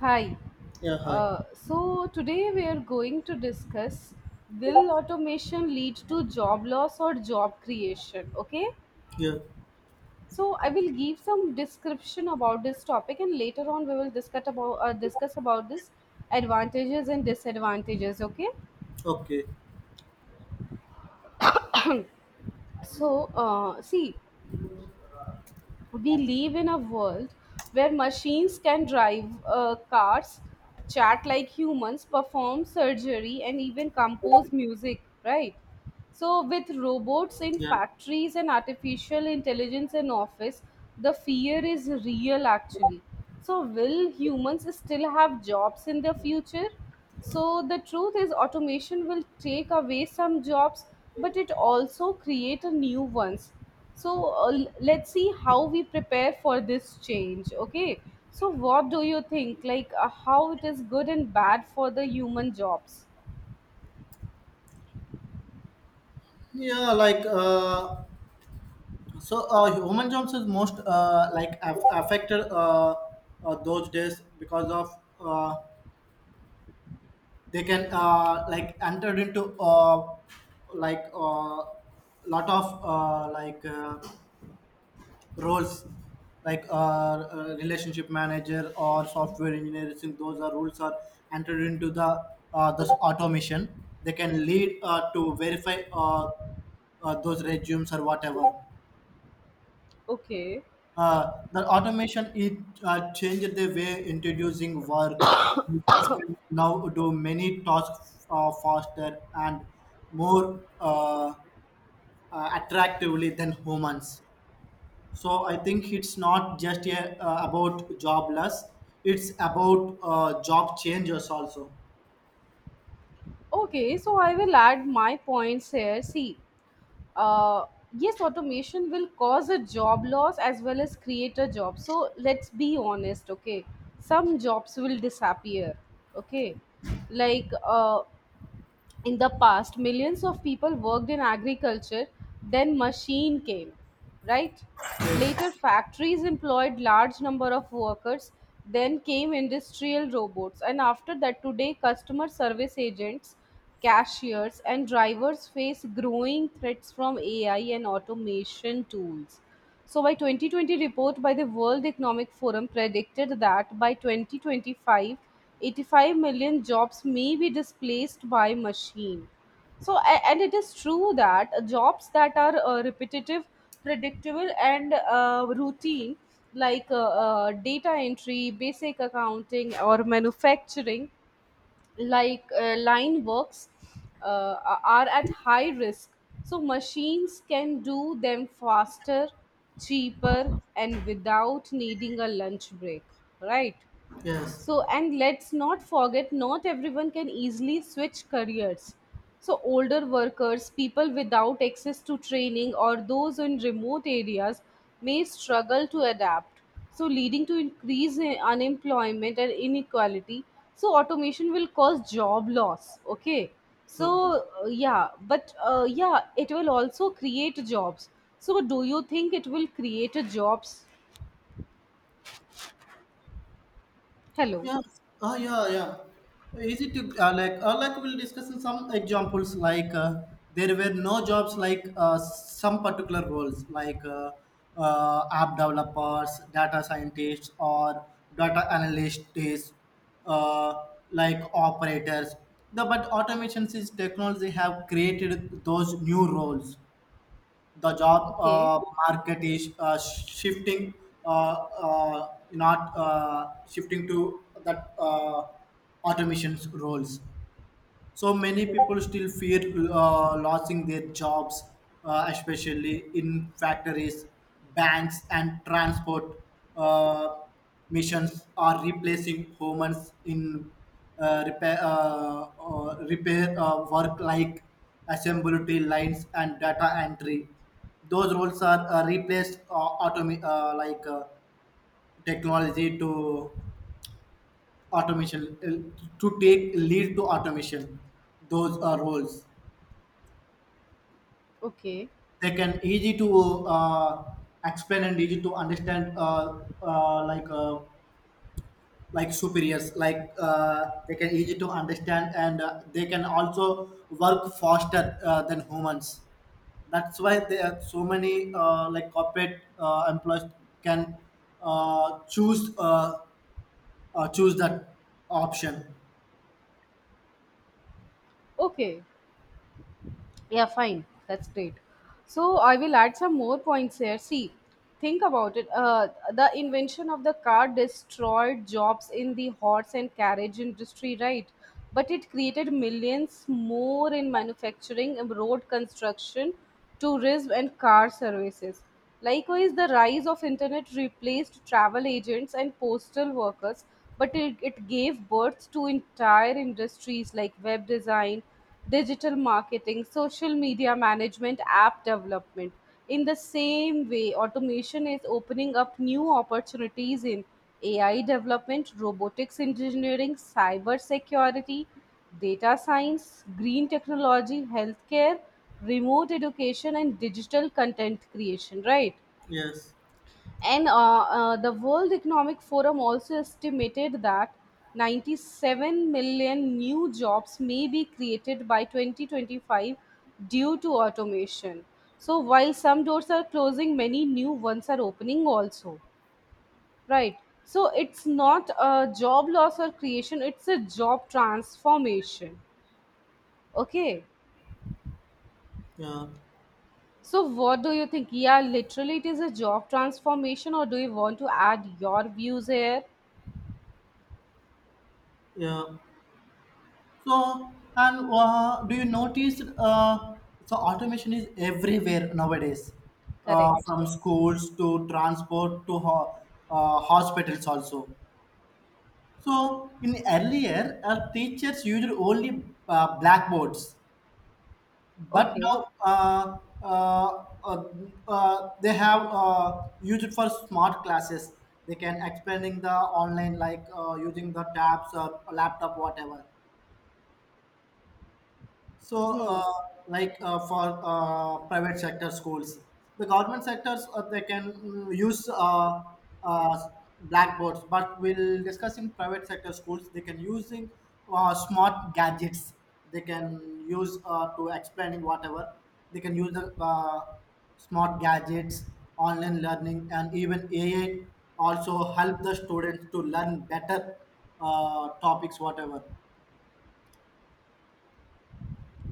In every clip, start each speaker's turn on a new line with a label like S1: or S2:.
S1: Hi.
S2: Yeah, hi.
S1: So today we are going to discuss, will automation lead to job loss or job creation? Okay.
S2: Yeah,
S1: So I will give some description about this topic, and later on we will discuss about this advantages and disadvantages. Okay.
S2: okay.
S1: So see, we live in a world where machines can drive cars, chat like humans, perform surgery, and even compose music, right? So, with robots in
S2: Yeah,
S1: factories and artificial intelligence in office, the fear is real actually. So, will humans still have jobs in the future? So, the truth is, automation will take away some jobs, but it also create a new ones. So let's see how we prepare for this change. Okay, so what do you think, like, how it is good and bad for the human jobs?
S2: yeah. Human jobs is most like affected those days because of uh, they can like entered into like uh, lot of roles relationship manager or software engineer. I Those are roles are entered into the this automation. They can lead to verify those resumes or whatever.
S1: Okay.
S2: The automation it changed the way introducing work. Machines can now do many tasks faster and more attractively than humans. So I think it's not just about jobless, it's about job changes also.
S1: Okay, so I will add my points here. See, uh yes, automation will cause a job loss as well as create a job, so let's be honest. Okay, some jobs will disappear. Okay, like uh in the past, millions of people worked in agriculture, then machine came, right? Later factories employed large number of workers, then came industrial robots, and after that today customer service agents, cashiers and drivers face growing threats from AI and automation tools. So by 2020 report by the World Economic Forum predicted that by 2025, 85 million jobs may be displaced by machine. So and it is true that jobs that are repetitive, predictable, and routine, like, data entry, basic accounting, or manufacturing, like, line works uh, are at high risk. So machines can do them faster, cheaper, and without needing a lunch break, right?
S2: Yes.
S1: So, and let's not forget, not everyone can easily switch careers. So, older workers, people without access to training, or those in remote areas may struggle to adapt. So, leading to increase in unemployment and inequality. So, automation will cause job loss. Okay.
S2: Okay.
S1: So, yeah, but yeah, it will also create jobs. So, do you think it will create a jobs? Hello.
S2: Yeah. Oh, yeah, yeah. Is it like we'll discuss in some examples there were no jobs some particular roles app developers, data scientists, or data analysts, uh, like operators. But automations is technology have created those new roles. The job
S1: Okay.
S2: market is shifting, not shifting to that automation's roles. So many people still fear losing their jobs, especially in factories, banks, and transport. uh, Missions are replacing humans in repair work like assembly lines and data entry. Those roles are replaced technology to automation to take lead to automation. Those are roles.
S1: Okay.
S2: They can easy to explain and easy to understand like superiors they can easy to understand and they can also work faster than humans. That's why there are so many like corporate employees can uh, choose uh, choose that option.
S1: Okay. Yeah, fine. That's great. So I will add some more points here. See, think about it. The invention of the car destroyed jobs in the horse and carriage industry, right? But it created millions more in manufacturing, road construction, tourism, and car services. Likewise, the rise of internet replaced travel agents and postal workers, but it gave birth to entire industries like web design, digital marketing, social media management, app development. In the same way, automation is opening up new opportunities in AI development, robotics engineering, cyber security, data science, green technology, healthcare, remote education, and digital content creation, right?
S2: Yes.
S1: And the World Economic Forum also estimated that 97 million new jobs may be created by 2025 due to automation. So, while some doors are closing, many new ones are opening also, right? So, it's not a job loss or creation, it's a job transformation. Okay.
S2: Yeah.
S1: So, what do you think? Yeah, literally, it is a job transformation, or do you want to add your views here?
S2: Yeah. So, and do you notice? So, automation is everywhere nowadays,
S1: Correct.
S2: from schools to transport to hospitals also. So, in earlier, teachers used only blackboards, but
S1: Okay.
S2: now uh, uh, they have used it for smart classes. They can expanding the online like using the tabs or laptop, whatever. So,
S1: Hmm.
S2: for private sector schools, the government sectors they can use uh, blackboards, but we'll discuss in private sector schools they can using smart gadgets. They can use to explaining whatever. They can use the smart gadgets, online learning, and even AI also help the students to learn better topics whatever.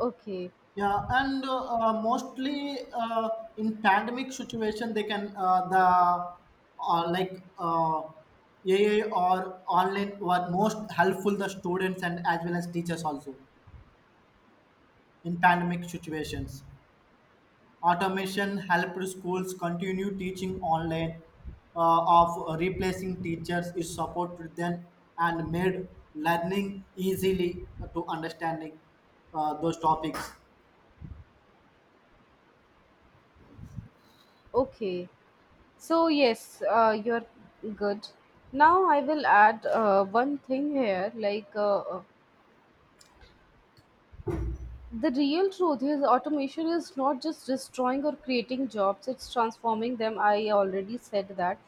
S1: Okay.
S2: Yeah, and mostly in pandemic situation, they can the uh, like uh, AA or online were most helpful the students and as well as teachers also in pandemic situations. Automation helped schools continue teaching online of replacing teachers is supported them and made learning easily to understanding those topics.
S1: Okay. So, yes, you're good. Now, I will add one thing here. The real truth is, automation is not just destroying or creating jobs, it's transforming them. I already said that.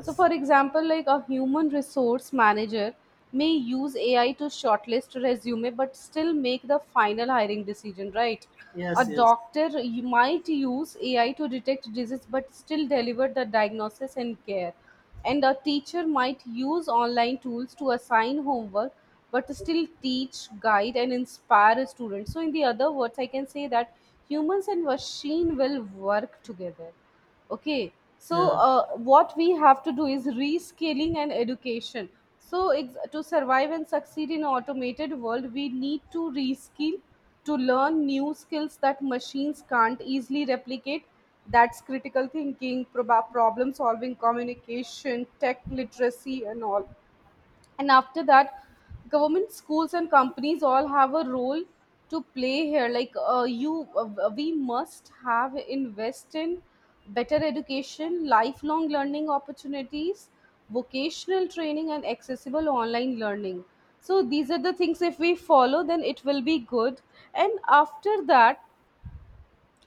S1: So, for example, like a human resource manager may use AI to shortlist resume but still make the final hiring decision, right? A
S2: yes, yes,
S1: doctor you might use AI to detect disease but still deliver the diagnosis and care. And a teacher might use online tools to assign homework but still teach, guide, and inspire a student. So, in the other words, I can say that humans and machine will work together. Okay, so
S2: yeah.
S1: what we have to do is rescaling and education. So, to survive and succeed in automated world, we need to reskill to learn new skills that machines can't easily replicate. That's critical thinking, problem solving, communication, tech literacy, and all. And after that, government, schools, and companies all have a role to play here. Like you We must have invest in better education, lifelong learning opportunities, vocational training, and accessible online learning. So these are the things, if we follow then it will be good. And after that,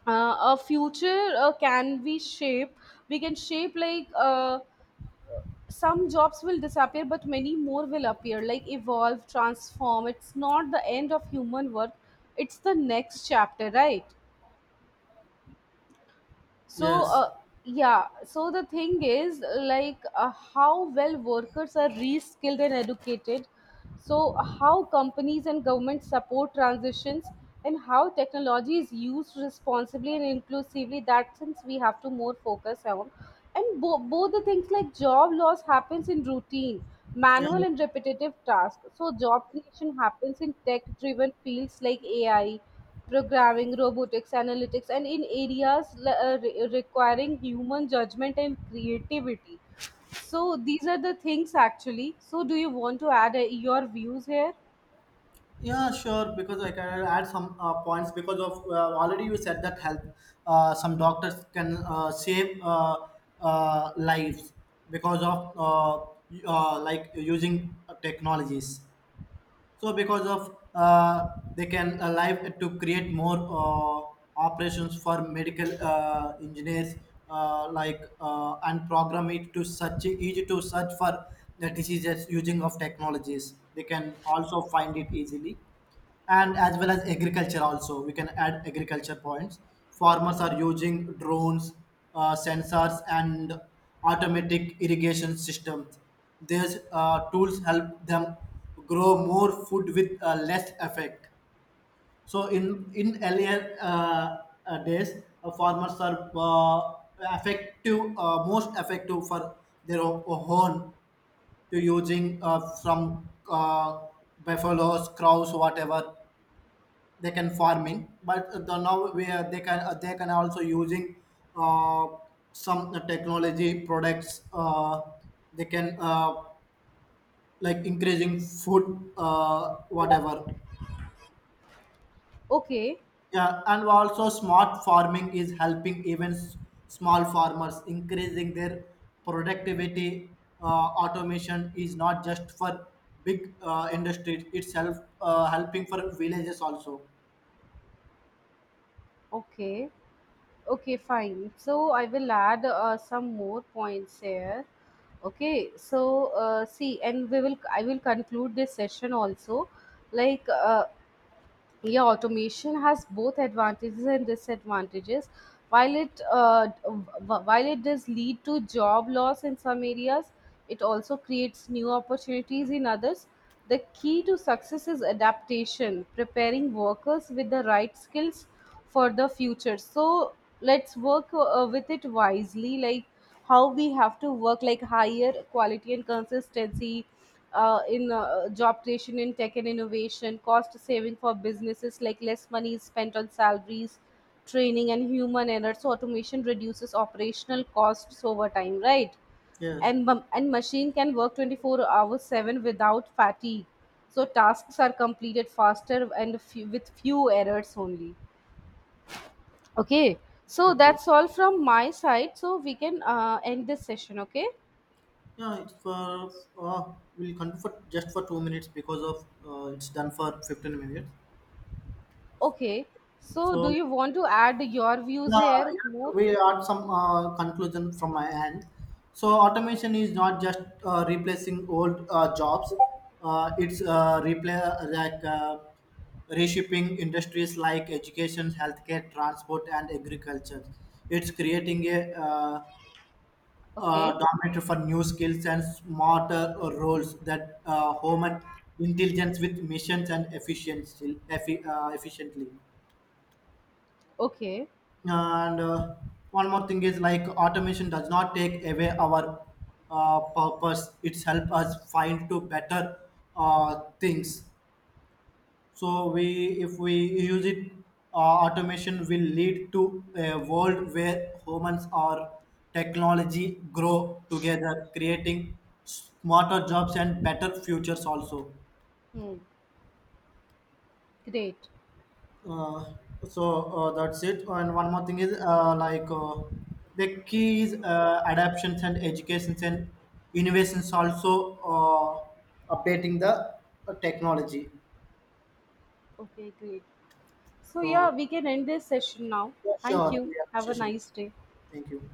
S1: a future can be shape? We can shape, like, some jobs will disappear but many more will appear, like evolve, transform. It's not the end of human work, it's the next chapter, right? so
S2: Yes.
S1: uh, yeah, so the thing is like, how well workers are reskilled and educated, so how companies and governments support transitions, and how technology is used responsibly and inclusively, that since we have to more focus on. And both the things, like job loss happens in routine,
S2: Yeah.
S1: manual, and repetitive tasks, so job creation happens in tech driven fields like AI, programming, robotics, analytics, and in areas requiring human judgment and creativity. So these are the things actually. So do you want to add your views here?
S2: Yeah. Sure. Because I can add some points because of already you said that help. Some doctors can save lives because of like using technologies. So because of they can alive to create more operations for medical engineers, and program it to search, easy to search for the diseases using of technologies. They can also find it easily, and as well as agriculture also we can add agriculture points. Farmers are using drones, sensors and automatic irrigation systems. These tools help them grow more food with less effect. So in earlier days, farmers are effective, most effective for their own, to using from buffaloes, cows, whatever. They can farming, but the now where they can also using uh, some technology products. They can like increasing food whatever.
S1: Okay,
S2: Yeah, and also smart farming is helping even small farmers increasing their productivity. Automation is not just for big industries, it's help, helping for villages also.
S1: okay, okay, fine. So I will add some more points here. Okay, so see, and we will I will conclude this session also. Like uh, yeah, automation has both advantages and disadvantages. While while it does lead to job loss in some areas, it also creates new opportunities in others. The key to success is adaptation, preparing workers with the right skills for the future. So let's work with it wisely, like how we have to work, like higher quality and consistency in job creation in tech and innovation, cost saving for businesses like less money is spent on salaries, training, and human error. So automation reduces operational costs over time, right?
S2: Yes.
S1: And and machine can work 24 hours 7 without fatigue. So tasks are completed faster and few, with few errors only. Okay. So
S2: Okay.
S1: that's all from my side. So we can end this session. Okay.
S2: Yeah, it's for uh, we'll continue for just for two minutes because of it's done for fifteen minutes.
S1: Okay. So do
S2: So
S1: you want to add your views
S2: yeah,
S1: here
S2: yeah,
S1: more?
S2: we are some conclusion from my end. So automation is not just replacing old jobs. It's replay like reshaping industries like education, healthcare, transport, and agriculture. It's creating a
S1: Okay.
S2: dominated for new skills and smarter roles that human intelligence with missions and efficiency efficiently.
S1: Okay.
S2: And one more thing is like automation does not take away our purpose, it's help us find to better things. So we, if we use it, uh, automation will lead to a world where humans or technology grow together, creating smarter jobs and better futures also.
S1: Hmm. Great.
S2: Uh, that's it. And one more thing is the key is adaptations and educations and innovations also, updating the technology.
S1: Okay, great. So yeah,
S2: So
S1: we can end this session now.
S2: yeah,
S1: Thank
S2: sure,
S1: you.
S2: we have a
S1: Have a
S2: session.
S1: nice day.
S2: Thank you.